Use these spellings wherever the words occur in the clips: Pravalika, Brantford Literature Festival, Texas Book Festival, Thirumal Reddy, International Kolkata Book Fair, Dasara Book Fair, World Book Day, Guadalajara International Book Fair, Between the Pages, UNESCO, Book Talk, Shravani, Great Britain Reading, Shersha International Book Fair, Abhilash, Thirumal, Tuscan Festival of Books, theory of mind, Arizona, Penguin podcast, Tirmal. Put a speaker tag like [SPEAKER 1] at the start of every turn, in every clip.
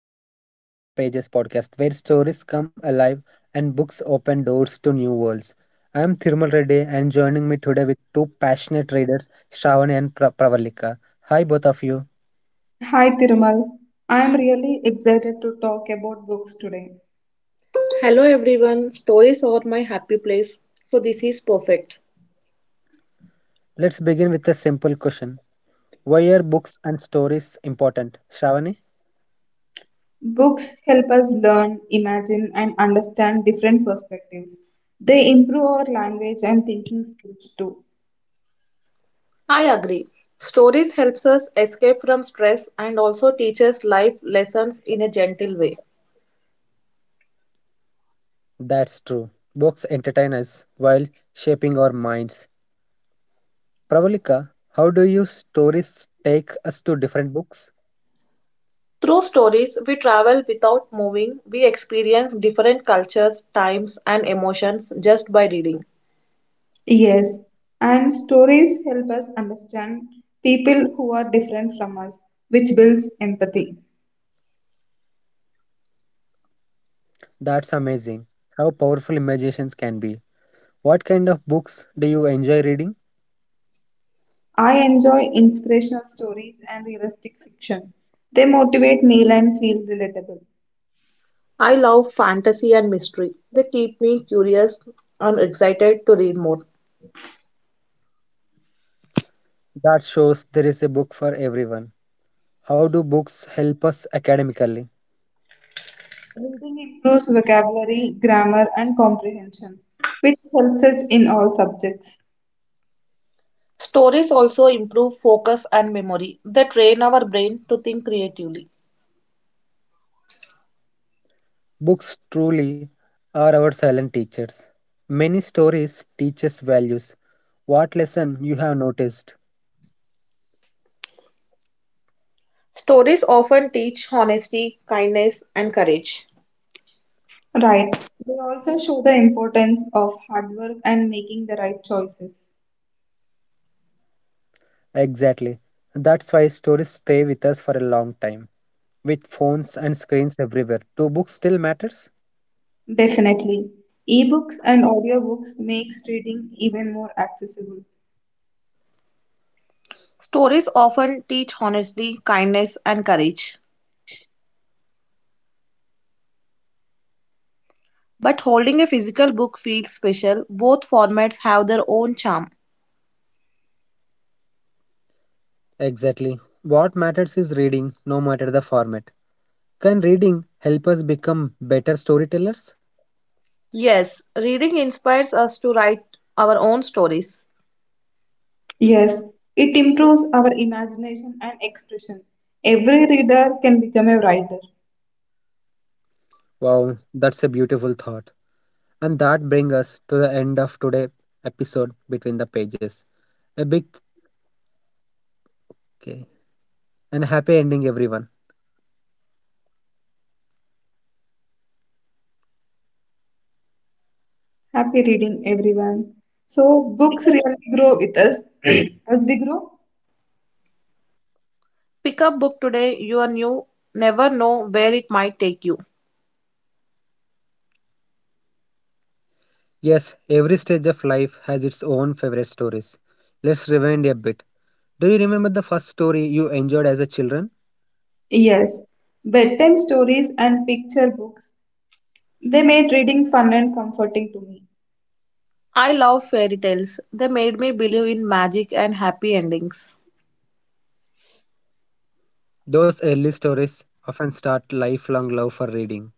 [SPEAKER 1] Welcome to Between the Pages podcast where stories come alive and books open doors to new worlds. I am Thirumal Reddy and joining me today with two passionate readers, Shravani and Pravalika. Hi both of you.
[SPEAKER 2] Hi Thirumal, I am really excited to talk about books today.
[SPEAKER 3] Hello everyone, stories are my happy place, so this is perfect.
[SPEAKER 1] Let's begin with a simple question. Why are books and stories important? Shravani?
[SPEAKER 2] Books help us learn, imagine, and understand different perspectives. They improve our language and thinking skills too.
[SPEAKER 3] I agree. Stories helps us escape from stress and also teaches life lessons in a gentle way.
[SPEAKER 1] That's true. Books entertain us while shaping our minds. Pravalika, how do you stories take us to different books?
[SPEAKER 3] Through stories, we travel without moving. We experience different cultures, times, and emotions just by reading.
[SPEAKER 2] Yes, and stories help us understand people who are different from us, which builds empathy.
[SPEAKER 1] That's amazing. How powerful imaginations can be. What kind of books do you enjoy reading?
[SPEAKER 2] I enjoy inspirational stories and realistic fiction. They motivate me and feel relatable.
[SPEAKER 3] I love fantasy and mystery. They keep me curious and excited to read more.
[SPEAKER 1] That shows there is a book for everyone. How do books help us academically?
[SPEAKER 2] Reading improves vocabulary, grammar, and comprehension, which helps us in all subjects.
[SPEAKER 3] Stories also improve focus and memory. They train our brain to think creatively.
[SPEAKER 1] Books truly are our silent teachers. Many stories teach us values. What lesson you have noticed?
[SPEAKER 3] Stories often teach honesty, kindness, and courage.
[SPEAKER 2] Right. They also show the importance of hard work and making the right choices.
[SPEAKER 1] Exactly. That's why stories stay with us for a long time. With phones and screens everywhere, do books still matters?
[SPEAKER 2] Definitely. Ebooks and audiobooks makes reading even more accessible.
[SPEAKER 3] Stories often teach honesty, kindness, and courage. But holding a physical book feels special. Both formats have their own charm.
[SPEAKER 1] Exactly. What matters is reading, no matter the format. Can reading help us become better storytellers?
[SPEAKER 3] Yes, reading inspires us to write our own stories.
[SPEAKER 2] Yes, it improves our imagination and expression. Every reader can become a writer.
[SPEAKER 1] Wow, that's a beautiful thought. And that brings us to the end of today episode between the pages. A big okay, and happy ending everyone.
[SPEAKER 2] Happy reading, everyone. So,
[SPEAKER 3] Pick
[SPEAKER 2] books
[SPEAKER 3] up,
[SPEAKER 2] really grow with us as we grow.
[SPEAKER 3] pick up book today, you are new, never know where it might take you.
[SPEAKER 1] Yes, every stage of life has its own favorite stories. Let's rewind a bit. Do you remember the first story you enjoyed as a children?
[SPEAKER 2] Yes, bedtime stories and picture books, they made reading fun and comforting to me.
[SPEAKER 3] I love fairy tales. They made me believe in magic and happy endings.
[SPEAKER 1] Those early stories often start lifelong love for reading.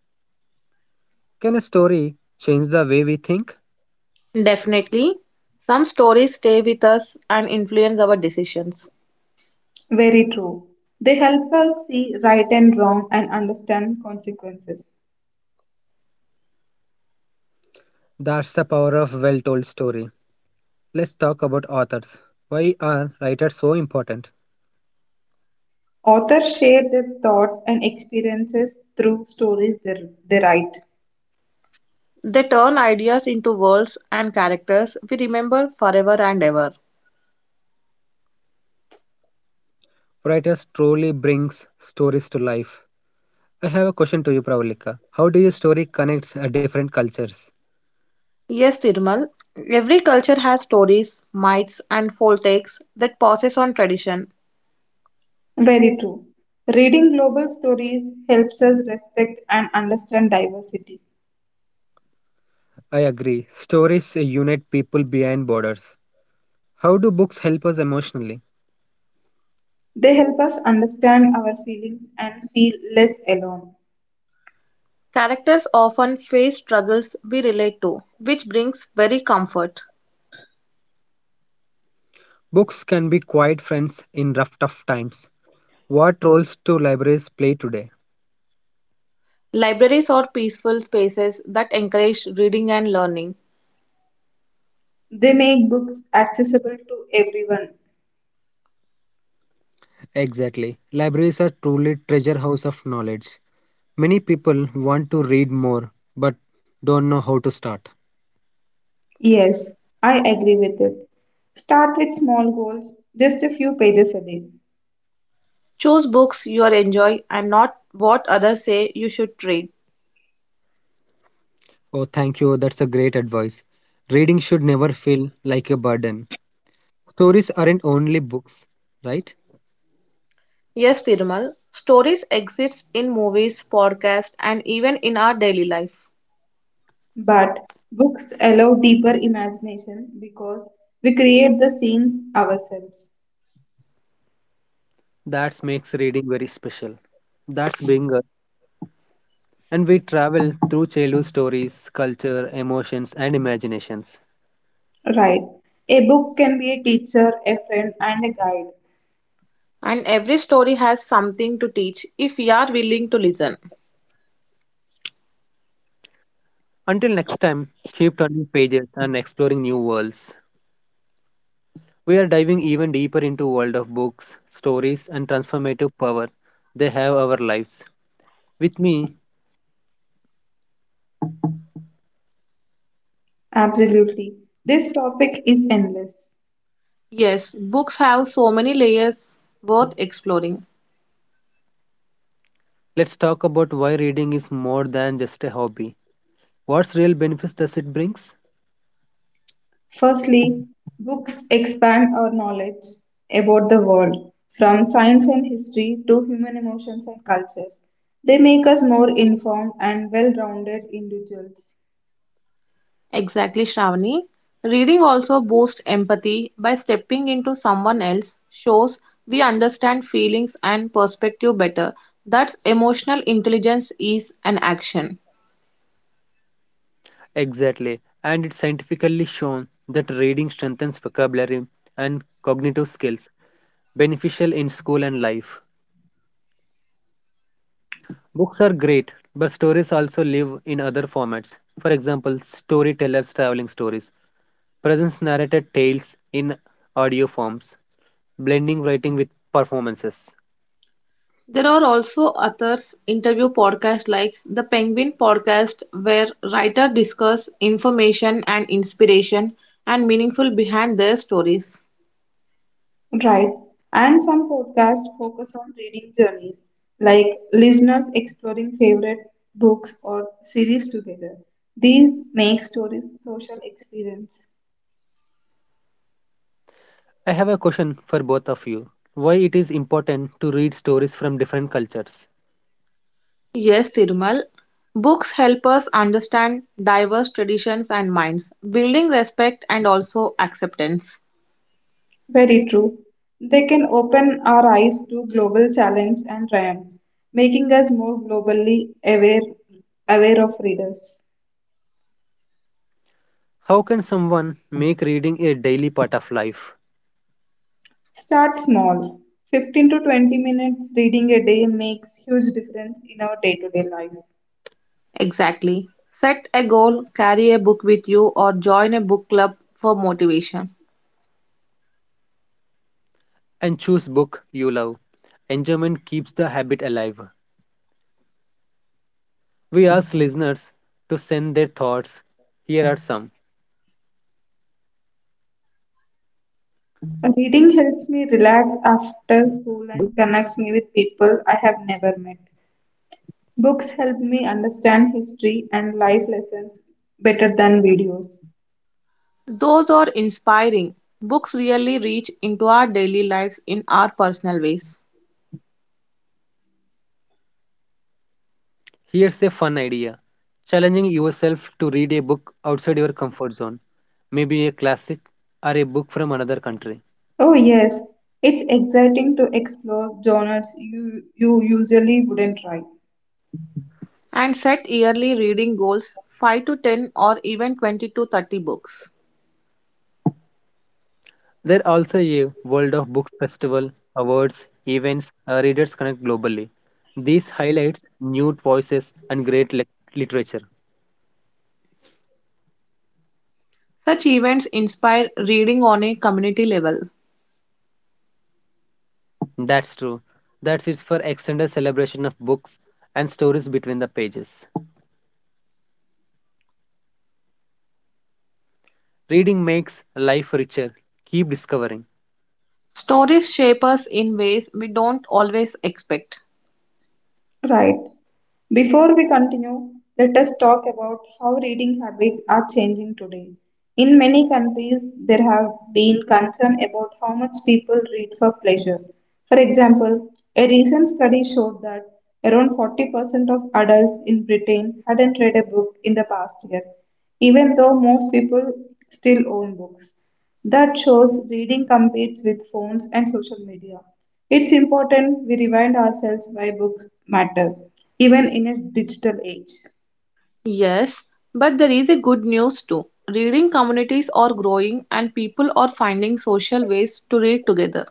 [SPEAKER 1] Can a story change the way we think?
[SPEAKER 3] Definitely, some stories stay with us and influence our decisions.
[SPEAKER 2] Very true. They help us see right and wrong and understand consequences.
[SPEAKER 1] That's the power of well-told story. Let's talk about authors. Why are writers so important?
[SPEAKER 2] Authors share their thoughts and experiences through stories they write.
[SPEAKER 3] They turn ideas into worlds and characters we remember forever and ever.
[SPEAKER 1] Writers truly brings stories to life. I have a question to you, Pravalika. How do your story connects different cultures?
[SPEAKER 3] Yes, Tirmal, every culture has stories, myths, and folktales that passes on tradition.
[SPEAKER 2] Very true. Reading global stories helps us respect and understand diversity.
[SPEAKER 1] I agree. Stories unite people beyond borders. How do books help us emotionally?
[SPEAKER 2] They help us understand our feelings and feel less alone.
[SPEAKER 3] Characters often face struggles we relate to, which brings very comfort.
[SPEAKER 1] Books can be quiet friends in rough, tough times. What roles do libraries play today?
[SPEAKER 3] Libraries are peaceful spaces that encourage reading and learning.
[SPEAKER 2] They make books accessible to everyone.
[SPEAKER 1] Exactly. Libraries are truly treasure house of knowledge. Many people want to read more but don't know how to start.
[SPEAKER 2] Yes, I agree with it. Start with small goals, just a few pages a day.
[SPEAKER 3] Choose books you enjoy and not what others say you should read.
[SPEAKER 1] Oh, thank you. That's a great advice. Reading should never feel like a burden. Stories aren't only books, right?
[SPEAKER 3] Yes, Tirmal, stories exist in movies, podcasts, and even in our daily life.
[SPEAKER 2] But books allow deeper imagination because we create the scene ourselves.
[SPEAKER 1] That makes reading very special. That's being a, and we travel through childhood stories, culture, emotions, and imaginations.
[SPEAKER 2] Right. A book can be a teacher, a friend, and a guide.
[SPEAKER 3] And every story has something to teach if we are willing to listen.
[SPEAKER 1] Until next time, keep turning pages and exploring new worlds. We are diving even deeper into world of books, stories, and transformative power they have our lives. With me,
[SPEAKER 2] Absolutely. This topic is endless.
[SPEAKER 3] Yes, books have so many layers worth exploring.
[SPEAKER 1] let's talk about why reading is more than just a hobby. What real benefits does it brings?
[SPEAKER 2] Firstly, books expand our knowledge about the world, from science and history to human emotions and cultures. They make us more informed and well rounded individuals.
[SPEAKER 3] Exactly, Shravani. Reading also boosts empathy by stepping into someone else, shows we understand feelings and perspective better. That's emotional intelligence is an action.
[SPEAKER 1] Exactly, and it's scientifically shown that reading strengthens vocabulary and cognitive skills, beneficial in school and life. Books are great, but stories also live in other formats. For example, storytellers traveling stories, presents narrated tales in audio forms, blending writing with performances.
[SPEAKER 3] There are also others interview podcasts like the Penguin podcast where writers discuss information and inspiration and meaningful behind their stories.
[SPEAKER 2] Right, and some podcasts focus on reading journeys, like listeners exploring favorite books or series together. These make stories social experience.
[SPEAKER 1] I have a question for both of you. Why it is important to read stories from different cultures?
[SPEAKER 3] Yes, Tirmal. Books help us understand diverse traditions and minds, building respect and also acceptance.
[SPEAKER 2] Very true. They can open our eyes to global challenge and triumphs, making us more globally aware of readers.
[SPEAKER 1] How can someone make reading a daily part of life
[SPEAKER 2] Start small. 15 to 20 minutes reading a day makes huge difference in our day-to-day life.
[SPEAKER 3] Exactly. Set a goal, carry a book with you, or join a book club for motivation.
[SPEAKER 1] and choose book you love? Enjoyment keeps the habit alive. We ask listeners to send their thoughts. Here are some.
[SPEAKER 2] Reading
[SPEAKER 1] But
[SPEAKER 2] helps me relax after school and connects me with people I have never met. Books help me understand history and life lessons better than videos.
[SPEAKER 3] Those are inspiring. Books really reach into our daily lives in our personal ways.
[SPEAKER 1] here's a fun idea. Challenging yourself to read a book outside your comfort zone, maybe a classic or a book from another country.
[SPEAKER 2] Oh yes, it's exciting to explore genres you usually wouldn't try.
[SPEAKER 3] And set yearly reading goals 5 to 10 or even 20 to 30 books.
[SPEAKER 1] There also a World of Books Festival, awards, events, readers connect globally. These highlights new voices and great literature.
[SPEAKER 3] Such events inspire reading on a community level.
[SPEAKER 1] That's true. That is it for extended celebration of books and stories between the pages. Reading makes life richer. Keep discovering.
[SPEAKER 3] Stories shape us in ways we don't always expect.
[SPEAKER 2] Right. Before we continue, let us talk about how reading habits are changing today. In many countries, there have been concern about how much people read for pleasure. For example, a recent study showed that around 40% of adults in Britain hadn't read a book in the past year, even though most people still own books. That shows reading competes with phones and social media. It's important we remind ourselves why books matter, even in a digital age.
[SPEAKER 3] Yes, but there is a good news too. Reading communities are growing and people are finding social ways to read together.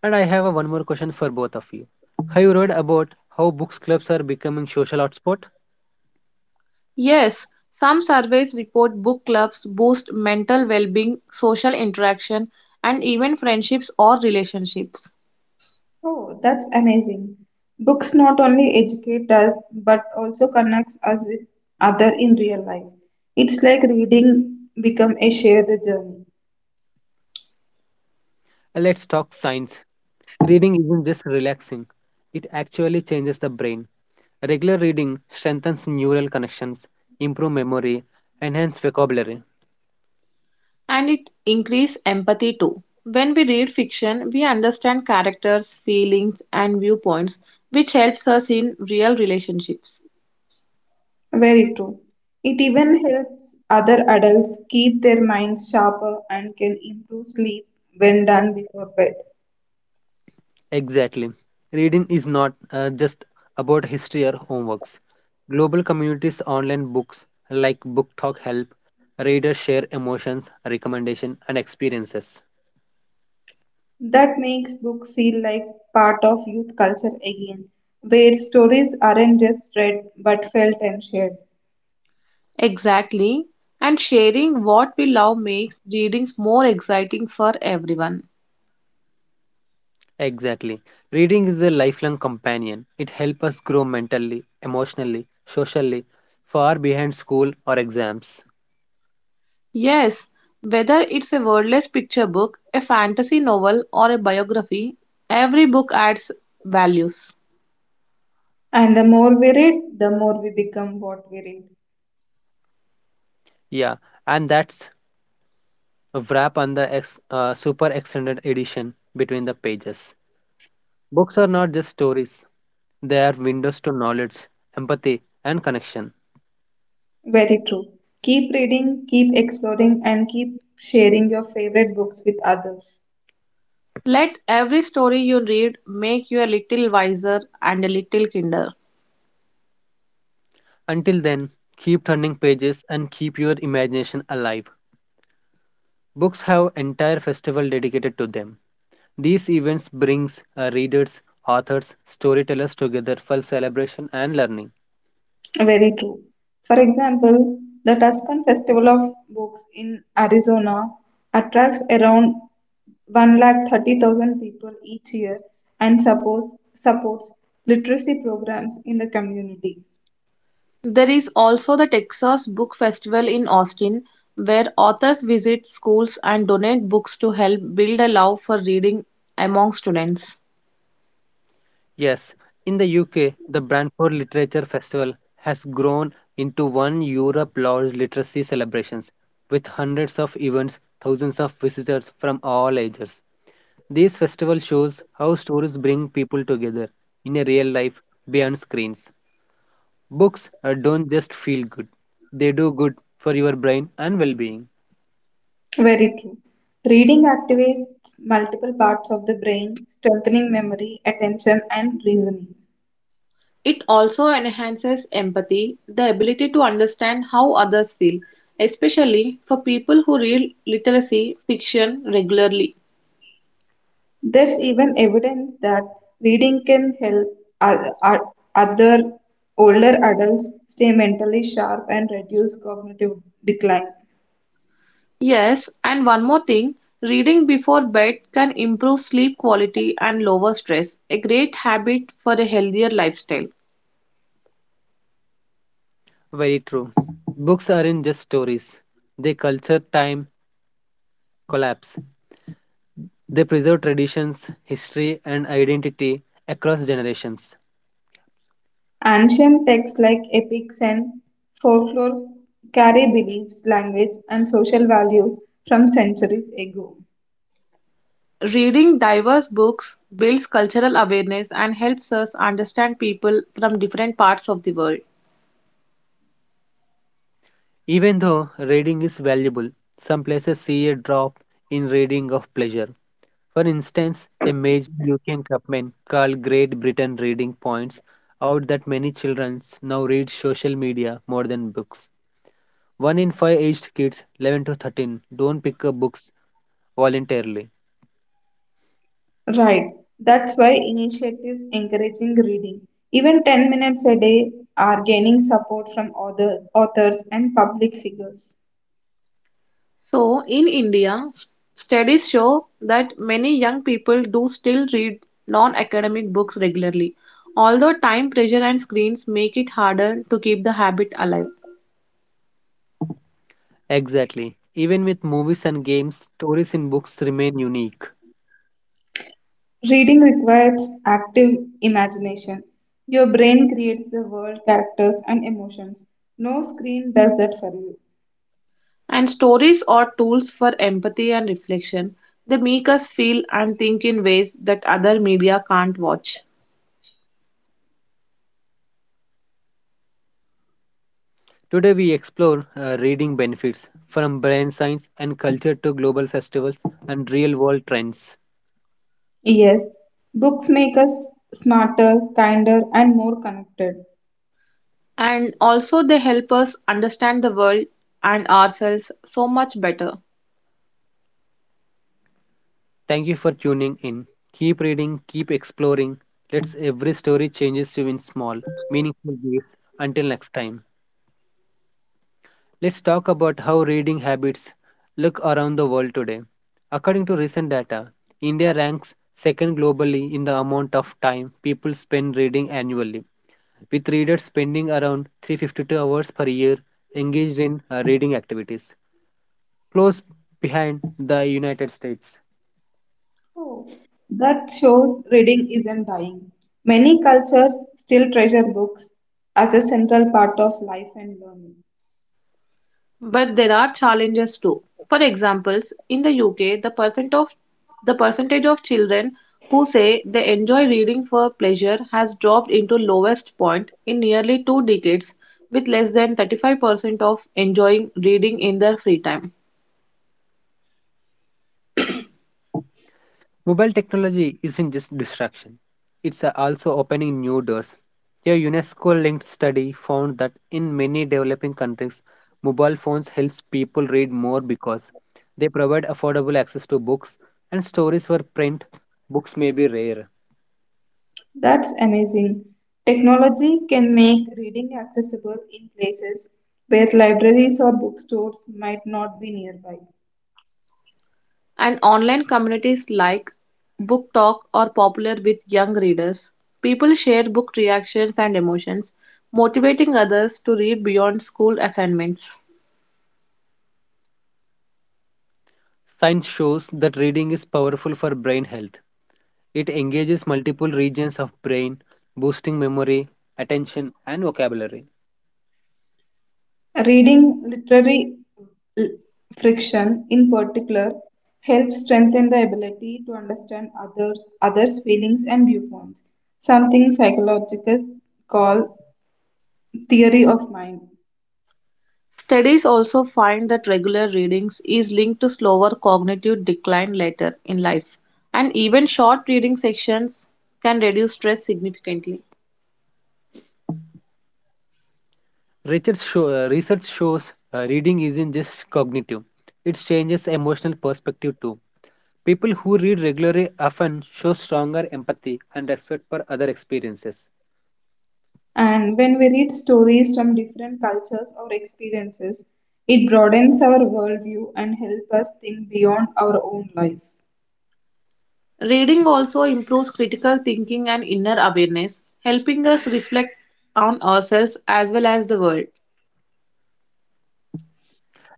[SPEAKER 1] And I have a one more question for both of you. Have you read about how books clubs are becoming social hotspot?
[SPEAKER 3] Yes, some surveys report book clubs boost mental well being, social interaction, and even friendships or relationships.
[SPEAKER 2] Oh, that's amazing. Books not only educate us but also connects us with other in real life. It's like reading become a shared journey.
[SPEAKER 1] Let's talk science. Reading isn't just relaxing. It actually changes the brain. Regular reading strengthens neural connections, improve memory, enhance vocabulary.
[SPEAKER 3] And it increase empathy too. When we read fiction, we understand characters, feelings, and viewpoints, which helps us in real relationships.
[SPEAKER 2] Very true. It even helps other adults keep their minds sharper and can improve sleep when done before bed.
[SPEAKER 1] Exactly. Reading is not just about history or homeworks. Global communities online books like Book Talk help readers share emotions, recommendations, and experiences.
[SPEAKER 2] That makes book feel like part of youth culture again, where stories aren't just read but felt and shared.
[SPEAKER 3] Exactly. And sharing what we love makes readings more exciting for everyone.
[SPEAKER 1] Exactly. Reading is a lifelong companion. It helps us grow mentally, emotionally, socially, far behind school or exams.
[SPEAKER 3] Yes, whether it's a wordless picture book, a fantasy novel, or a biography, every book adds values.
[SPEAKER 2] And the more we read, the more we become what we read.
[SPEAKER 1] Yeah, and that's a wrap on the super extended edition between the pages. Books are not just stories, they are windows to knowledge, empathy, and connection.
[SPEAKER 2] Very true. Keep reading, keep exploring, and keep sharing your favorite books with others.
[SPEAKER 3] Let every story you read make you a little wiser and a little kinder.
[SPEAKER 1] Until then, keep turning pages and keep your imagination alive. Books have entire festival dedicated to them. These events brings readers, authors, storytellers together for celebration and learning.
[SPEAKER 2] Very true. For example, the Tuscan Festival of Books in Arizona attracts around 130,000 people each year and supports literacy programs in the community.
[SPEAKER 3] There is also the Texas Book Festival in Austin, where authors visit schools and donate books to help build a love for reading among students.
[SPEAKER 1] Yes, in the UK, the Brantford Literature Festival has grown into one Europe large literacy celebrations with hundreds of events, thousands of visitors from all ages. These festival shows how stories bring people together in a real life beyond screens. Books don't just feel good, they do good for your brain and well being.
[SPEAKER 2] Very true. Reading activates multiple parts of the brain, strengthening memory, attention, and reasoning.
[SPEAKER 3] It also enhances empathy, the ability to understand how others feel, especially for people who read literacy fiction regularly.
[SPEAKER 2] There's even evidence that reading can help other older adults stay mentally sharp and reduce cognitive decline.
[SPEAKER 3] Yes, and one more thing reading before bed can improve sleep quality and lower stress, a great habit for a healthier lifestyle.
[SPEAKER 1] Very true. Books aren't just stories, they culture time, collapse. They preserve traditions, history, and identity across generations.
[SPEAKER 2] Ancient texts like epics and folklore carry beliefs, language, and social values from centuries ago.
[SPEAKER 3] Reading diverse books builds cultural awareness and helps us understand people from different parts of the world.
[SPEAKER 1] Even though reading is valuable, some places see a drop in reading of pleasure. For instance, a major UK campaign called Great Britain Reading points out that many children now read social media more than books. One in five aged kids, 11 to 13, don't pick up books voluntarily.
[SPEAKER 2] Right, that's why initiatives encouraging reading, even 10 minutes a day, are gaining support from other authors and public figures.
[SPEAKER 3] So, in India, studies show that many young people do still read non academic books regularly, although time pressure and screens make it harder to keep the habit alive.
[SPEAKER 1] Exactly. Even with movies and games, stories in books remain unique.
[SPEAKER 2] Reading requires active imagination. Your brain creates the world, characters, and emotions. No screen does that for you.
[SPEAKER 3] And stories are tools for empathy and reflection. They make us feel and think in ways that other media can't watch.
[SPEAKER 1] Today we explore reading benefits from brain science and culture to global festivals and real world trends.
[SPEAKER 2] Yes, books make us smarter, kinder, and more connected.
[SPEAKER 3] And also, they help us understand the world and ourselves so much better.
[SPEAKER 1] Thank you for tuning in. Keep reading, keep exploring. Let's every story changes you in small, meaningful ways. Until next time, let's talk about how reading habits look around the world today. According to recent data, India ranks second globally in the amount of time people spend reading annually, with readers spending around 352 hours per year engaged in reading activities, close behind the United States.
[SPEAKER 2] Oh, that shows reading isn't dying. Many cultures still treasure books as a central part of life and learning.
[SPEAKER 3] But there are challenges too. For examples, in the UK, the percentage of children who say they enjoy reading for pleasure has dropped into lowest point in nearly 2 decades with less than 35% of enjoying reading in their free time.
[SPEAKER 1] Mobile technology isn't just distraction, it's also opening new doors. A UNESCO linked study found that in many developing countries, mobile phones helps people read more because they provide affordable access to books and stories where print books may be rare.
[SPEAKER 2] That's amazing. Technology can make reading accessible in places where libraries or bookstores might not be nearby.
[SPEAKER 3] And online communities like Book Talk are popular with young readers. People share book reactions and emotions, motivating others to read beyond school assignments.
[SPEAKER 1] Science shows that reading is powerful for brain health. It engages multiple regions of brain, boosting memory, attention, and vocabulary.
[SPEAKER 2] Reading literary l- friction, in particular, helps strengthen the ability to understand others' feelings and viewpoints, something psychologists call theory of mind.
[SPEAKER 3] Studies also find that regular readings is linked to slower cognitive decline later in life, and even short reading sections can reduce stress significantly.
[SPEAKER 1] Research shows reading isn't just cognitive; it changes emotional perspective too. People who read regularly often show stronger empathy and respect for other experiences.
[SPEAKER 2] And when we read stories from different cultures or experiences, it broadens our worldview and helps us think beyond our own life.
[SPEAKER 3] Reading also improves critical thinking and inner awareness, helping us reflect on ourselves as well as the world.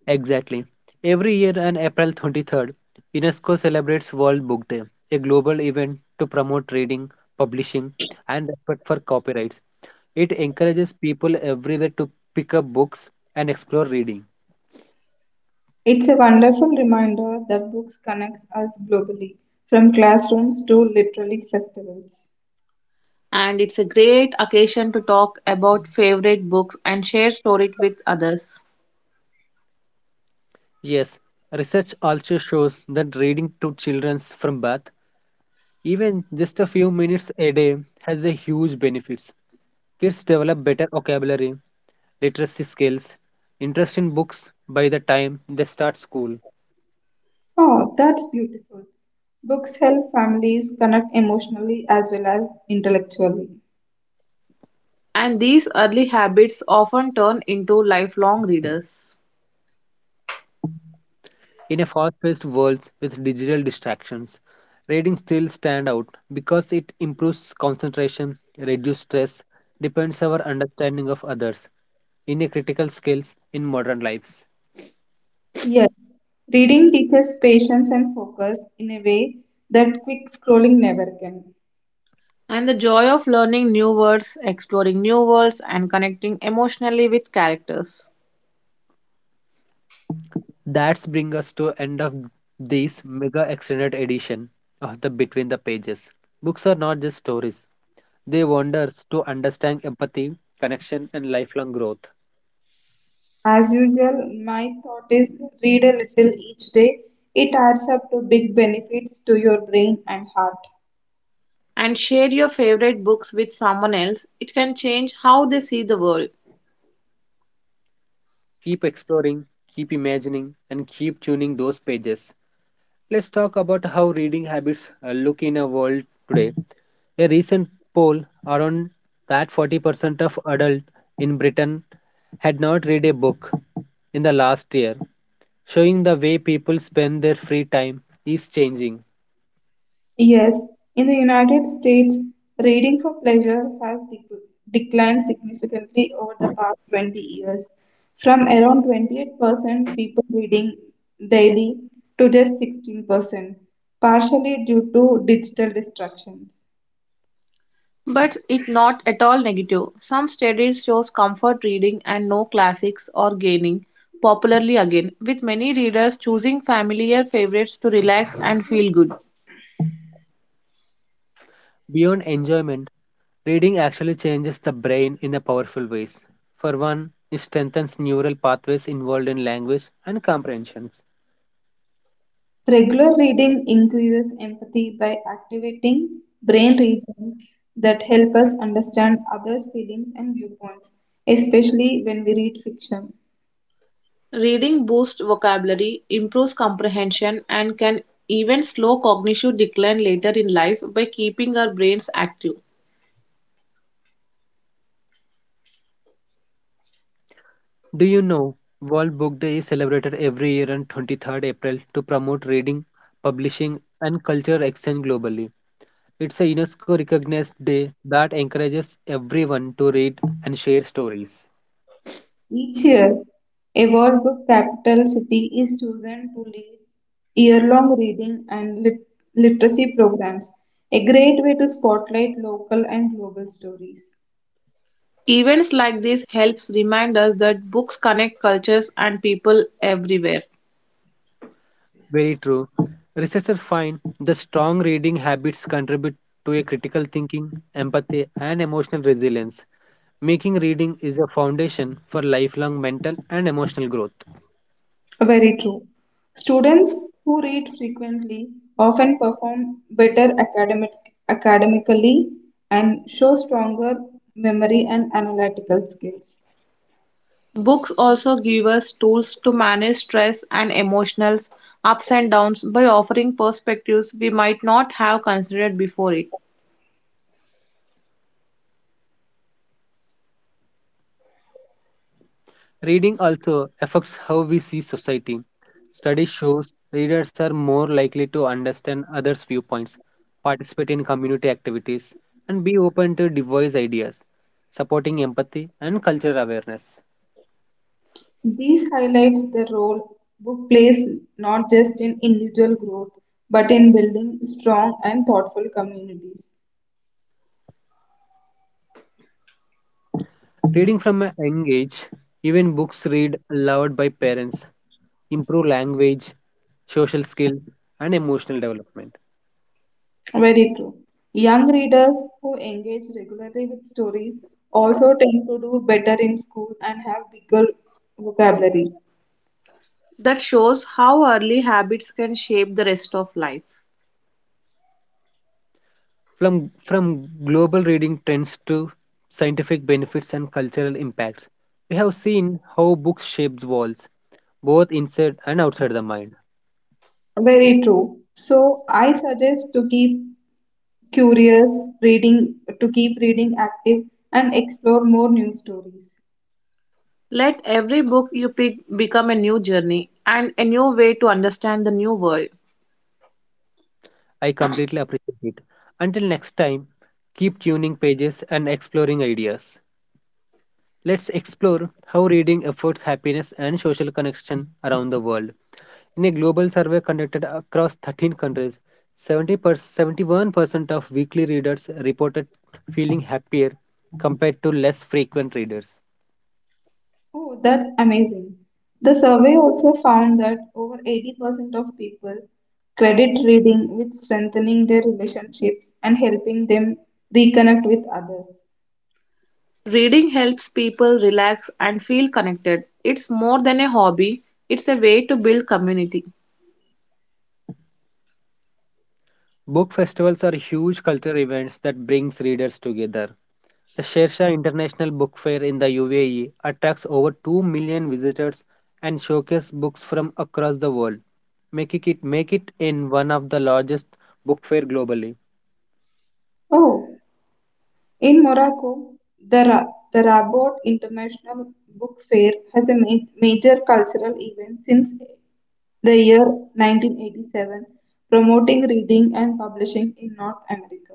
[SPEAKER 1] Exactly. Every year on April 23rd, UNESCO celebrates World Book Day, a global event to promote reading, publishing, and respect for copyrights. It encourages people everywhere to pick up books and explore reading.
[SPEAKER 2] It's a wonderful reminder that books connects us globally, from classrooms to literary festivals.
[SPEAKER 3] And it's a great occasion to talk about favorite books and share stories with others.
[SPEAKER 1] Yes, research also shows that reading to children from birth, even just a few minutes a day, has a huge benefits. Kids develop better vocabulary, literacy skills, interest in books by the time they start school.
[SPEAKER 2] Oh, that's beautiful. Books help families connect emotionally as well as intellectually.
[SPEAKER 3] And these early habits often turn into lifelong readers.
[SPEAKER 1] In a fast-paced world with digital distractions, reading still stands out because it improves concentration, reduces stress, deepens our understanding of others in a critical skills in modern lives.
[SPEAKER 2] Yes, reading teaches patience and focus in a way that quick scrolling never can.
[SPEAKER 3] And the joy of learning new words, exploring new worlds, and connecting emotionally with characters.
[SPEAKER 1] That's bring us to end of this mega extended edition of the Between the Pages. Books are not just stories. They wonders to understand empathy, connection and lifelong growth.
[SPEAKER 2] As usual, my thought is read a little each day. It adds up to big benefits to your brain and heart.
[SPEAKER 3] And share your favorite books with someone else. It can change how they see the world.
[SPEAKER 1] Keep exploring, keep imagining and keep tuning those pages. Let's talk about how reading habits look in a world today. A recent poll around that 40% of adults in Britain had not read a book in the last year, showing the way people spend their free time is changing.
[SPEAKER 2] Yes, in the United States, reading for pleasure has declined significantly over the past 20 years, from around 28% people reading daily to just 16%, partially due to digital distractions.
[SPEAKER 3] But it's not at all negative. Some studies shows comfort reading and no classics or gaining popularly again, with many readers choosing familiar favorites to relax and feel good.
[SPEAKER 1] Beyond enjoyment, reading actually changes the brain in a powerful ways. For one, it strengthens neural pathways involved in language and comprehensions.
[SPEAKER 2] Regular reading increases empathy by activating brain regions that help us understand others' feelings and viewpoints, especially when we read fiction.
[SPEAKER 3] Reading boosts vocabulary, improves comprehension, and can even slow cognitive decline later in life by keeping our brains active.
[SPEAKER 1] Do you know World Book Day is celebrated every year on 23rd April to promote reading, publishing, and cultural exchange globally? It's a UNESCO recognized day that encourages everyone to read and share stories.
[SPEAKER 2] Each year, a world book capital city is chosen to lead year long reading and literacy programs, a great way to spotlight local and global stories.
[SPEAKER 3] Events like this helps remind us that books connect cultures and people everywhere.
[SPEAKER 1] Very true. Researchers find the strong reading habits contribute to a critical thinking, empathy, and emotional resilience, making reading is a foundation for lifelong mental and emotional growth.
[SPEAKER 2] Very true. Students who read frequently often perform better academically and show stronger memory and analytical skills.
[SPEAKER 3] Books also give us tools to manage stress and emotional ups and downs by offering perspectives we might not have considered before it.
[SPEAKER 1] Reading also affects how we see society. Study shows readers are more likely to understand others' viewpoints, participate in community activities, and be open to diverse ideas, supporting empathy and cultural awareness.
[SPEAKER 2] This highlights the role book plays not just in individual growth but in building strong and thoughtful communities.
[SPEAKER 1] Reading from a young age, even books read aloud by parents, improve language, social skills, and emotional development.
[SPEAKER 2] Very true. Young readers who engage regularly with stories also tend to do better in school and have bigger vocabularies.
[SPEAKER 3] That shows how early habits can shape the rest of life.
[SPEAKER 1] From global reading trends to scientific benefits and cultural impacts we have seen how books shapes walls, both inside and outside the mind.
[SPEAKER 2] Very true. So I suggest to keep curious reading, to keep reading active and explore more news stories.
[SPEAKER 3] Let every book you pick become a new journey and a new way to understand the new world.
[SPEAKER 1] I completely appreciate it. Until next time, keep tuning pages and exploring ideas. Let's explore how reading affords happiness and social connection around the world. In a global survey conducted across 13 countries, 70 71% of weekly readers reported feeling happier compared to less frequent readers.
[SPEAKER 2] Oh, that's amazing. The survey also found that over 80% of people credit reading with strengthening their relationships and helping them reconnect with others.
[SPEAKER 3] Reading helps people relax and feel connected. It's more than a hobby, it's a way to build community.
[SPEAKER 1] Book festivals are huge cultural events that brings readers together. The Shersha International Book Fair in the UAE attracts over 2 million visitors and showcases books from across the world, making it in one of the largest book fair globally.
[SPEAKER 2] Oh, in Morocco, the Rabat International Book Fair has a major cultural event since the year 1987, promoting reading and publishing in North America.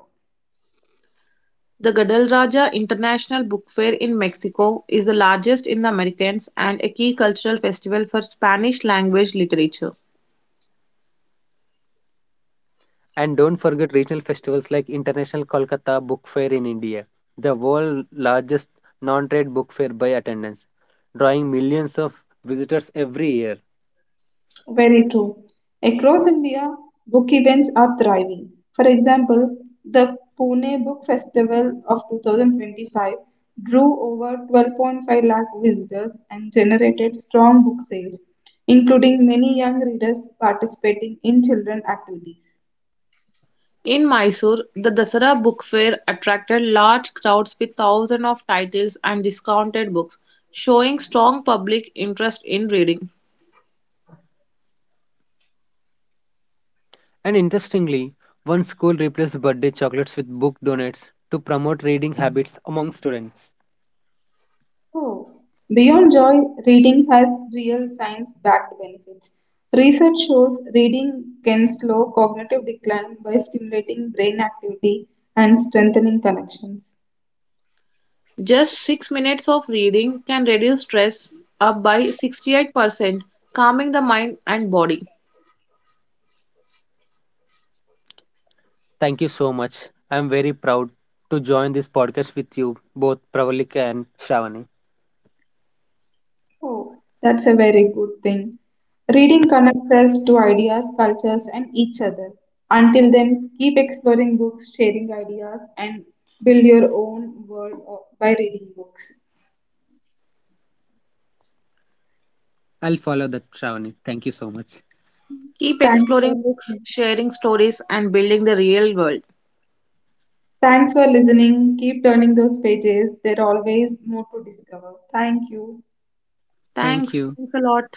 [SPEAKER 3] The Guadalajara International Book Fair in Mexico is the largest in the Americas and a key cultural festival for Spanish language literature.
[SPEAKER 1] And don't forget regional festivals like International Kolkata Book Fair in India, the world's largest non trade book fair by attendance, drawing millions of visitors every year.
[SPEAKER 2] Very true. Across India, book events are thriving. For example, the Pune Book Festival of 2025 drew over 12.5 lakh visitors and generated strong book sales, including many young readers participating in children activities.
[SPEAKER 3] In Mysore, the Dasara Book Fair attracted large crowds with thousands of titles and discounted books, showing strong public interest in reading.
[SPEAKER 1] And interestingly, one school replaced birthday chocolates with book donates to promote reading habits among students.
[SPEAKER 2] Oh. Beyond joy, reading has real science backed benefits. Research shows reading can slow cognitive decline by stimulating brain activity and strengthening connections.
[SPEAKER 3] Just 6 minutes of reading can reduce stress up by 68%, calming the mind and body.
[SPEAKER 1] Thank you so much. I am very proud to join this podcast with you, both Pravalika and Shravani.
[SPEAKER 2] Oh, that's a very good thing. Reading connects us to ideas, cultures, and each other. Until then, keep exploring books, sharing ideas, and build your own world by reading books.
[SPEAKER 1] I'll follow that, Shravani. Thank you so much.
[SPEAKER 3] Keep
[SPEAKER 2] Thanks
[SPEAKER 3] exploring
[SPEAKER 2] for
[SPEAKER 3] books,
[SPEAKER 2] listening.
[SPEAKER 3] sharing stories, and building the real world.
[SPEAKER 2] Thanks for listening. Keep turning those pages, there are always more to discover. Thank you.
[SPEAKER 1] Thank
[SPEAKER 3] Thanks.
[SPEAKER 1] you.
[SPEAKER 3] Thanks a lot.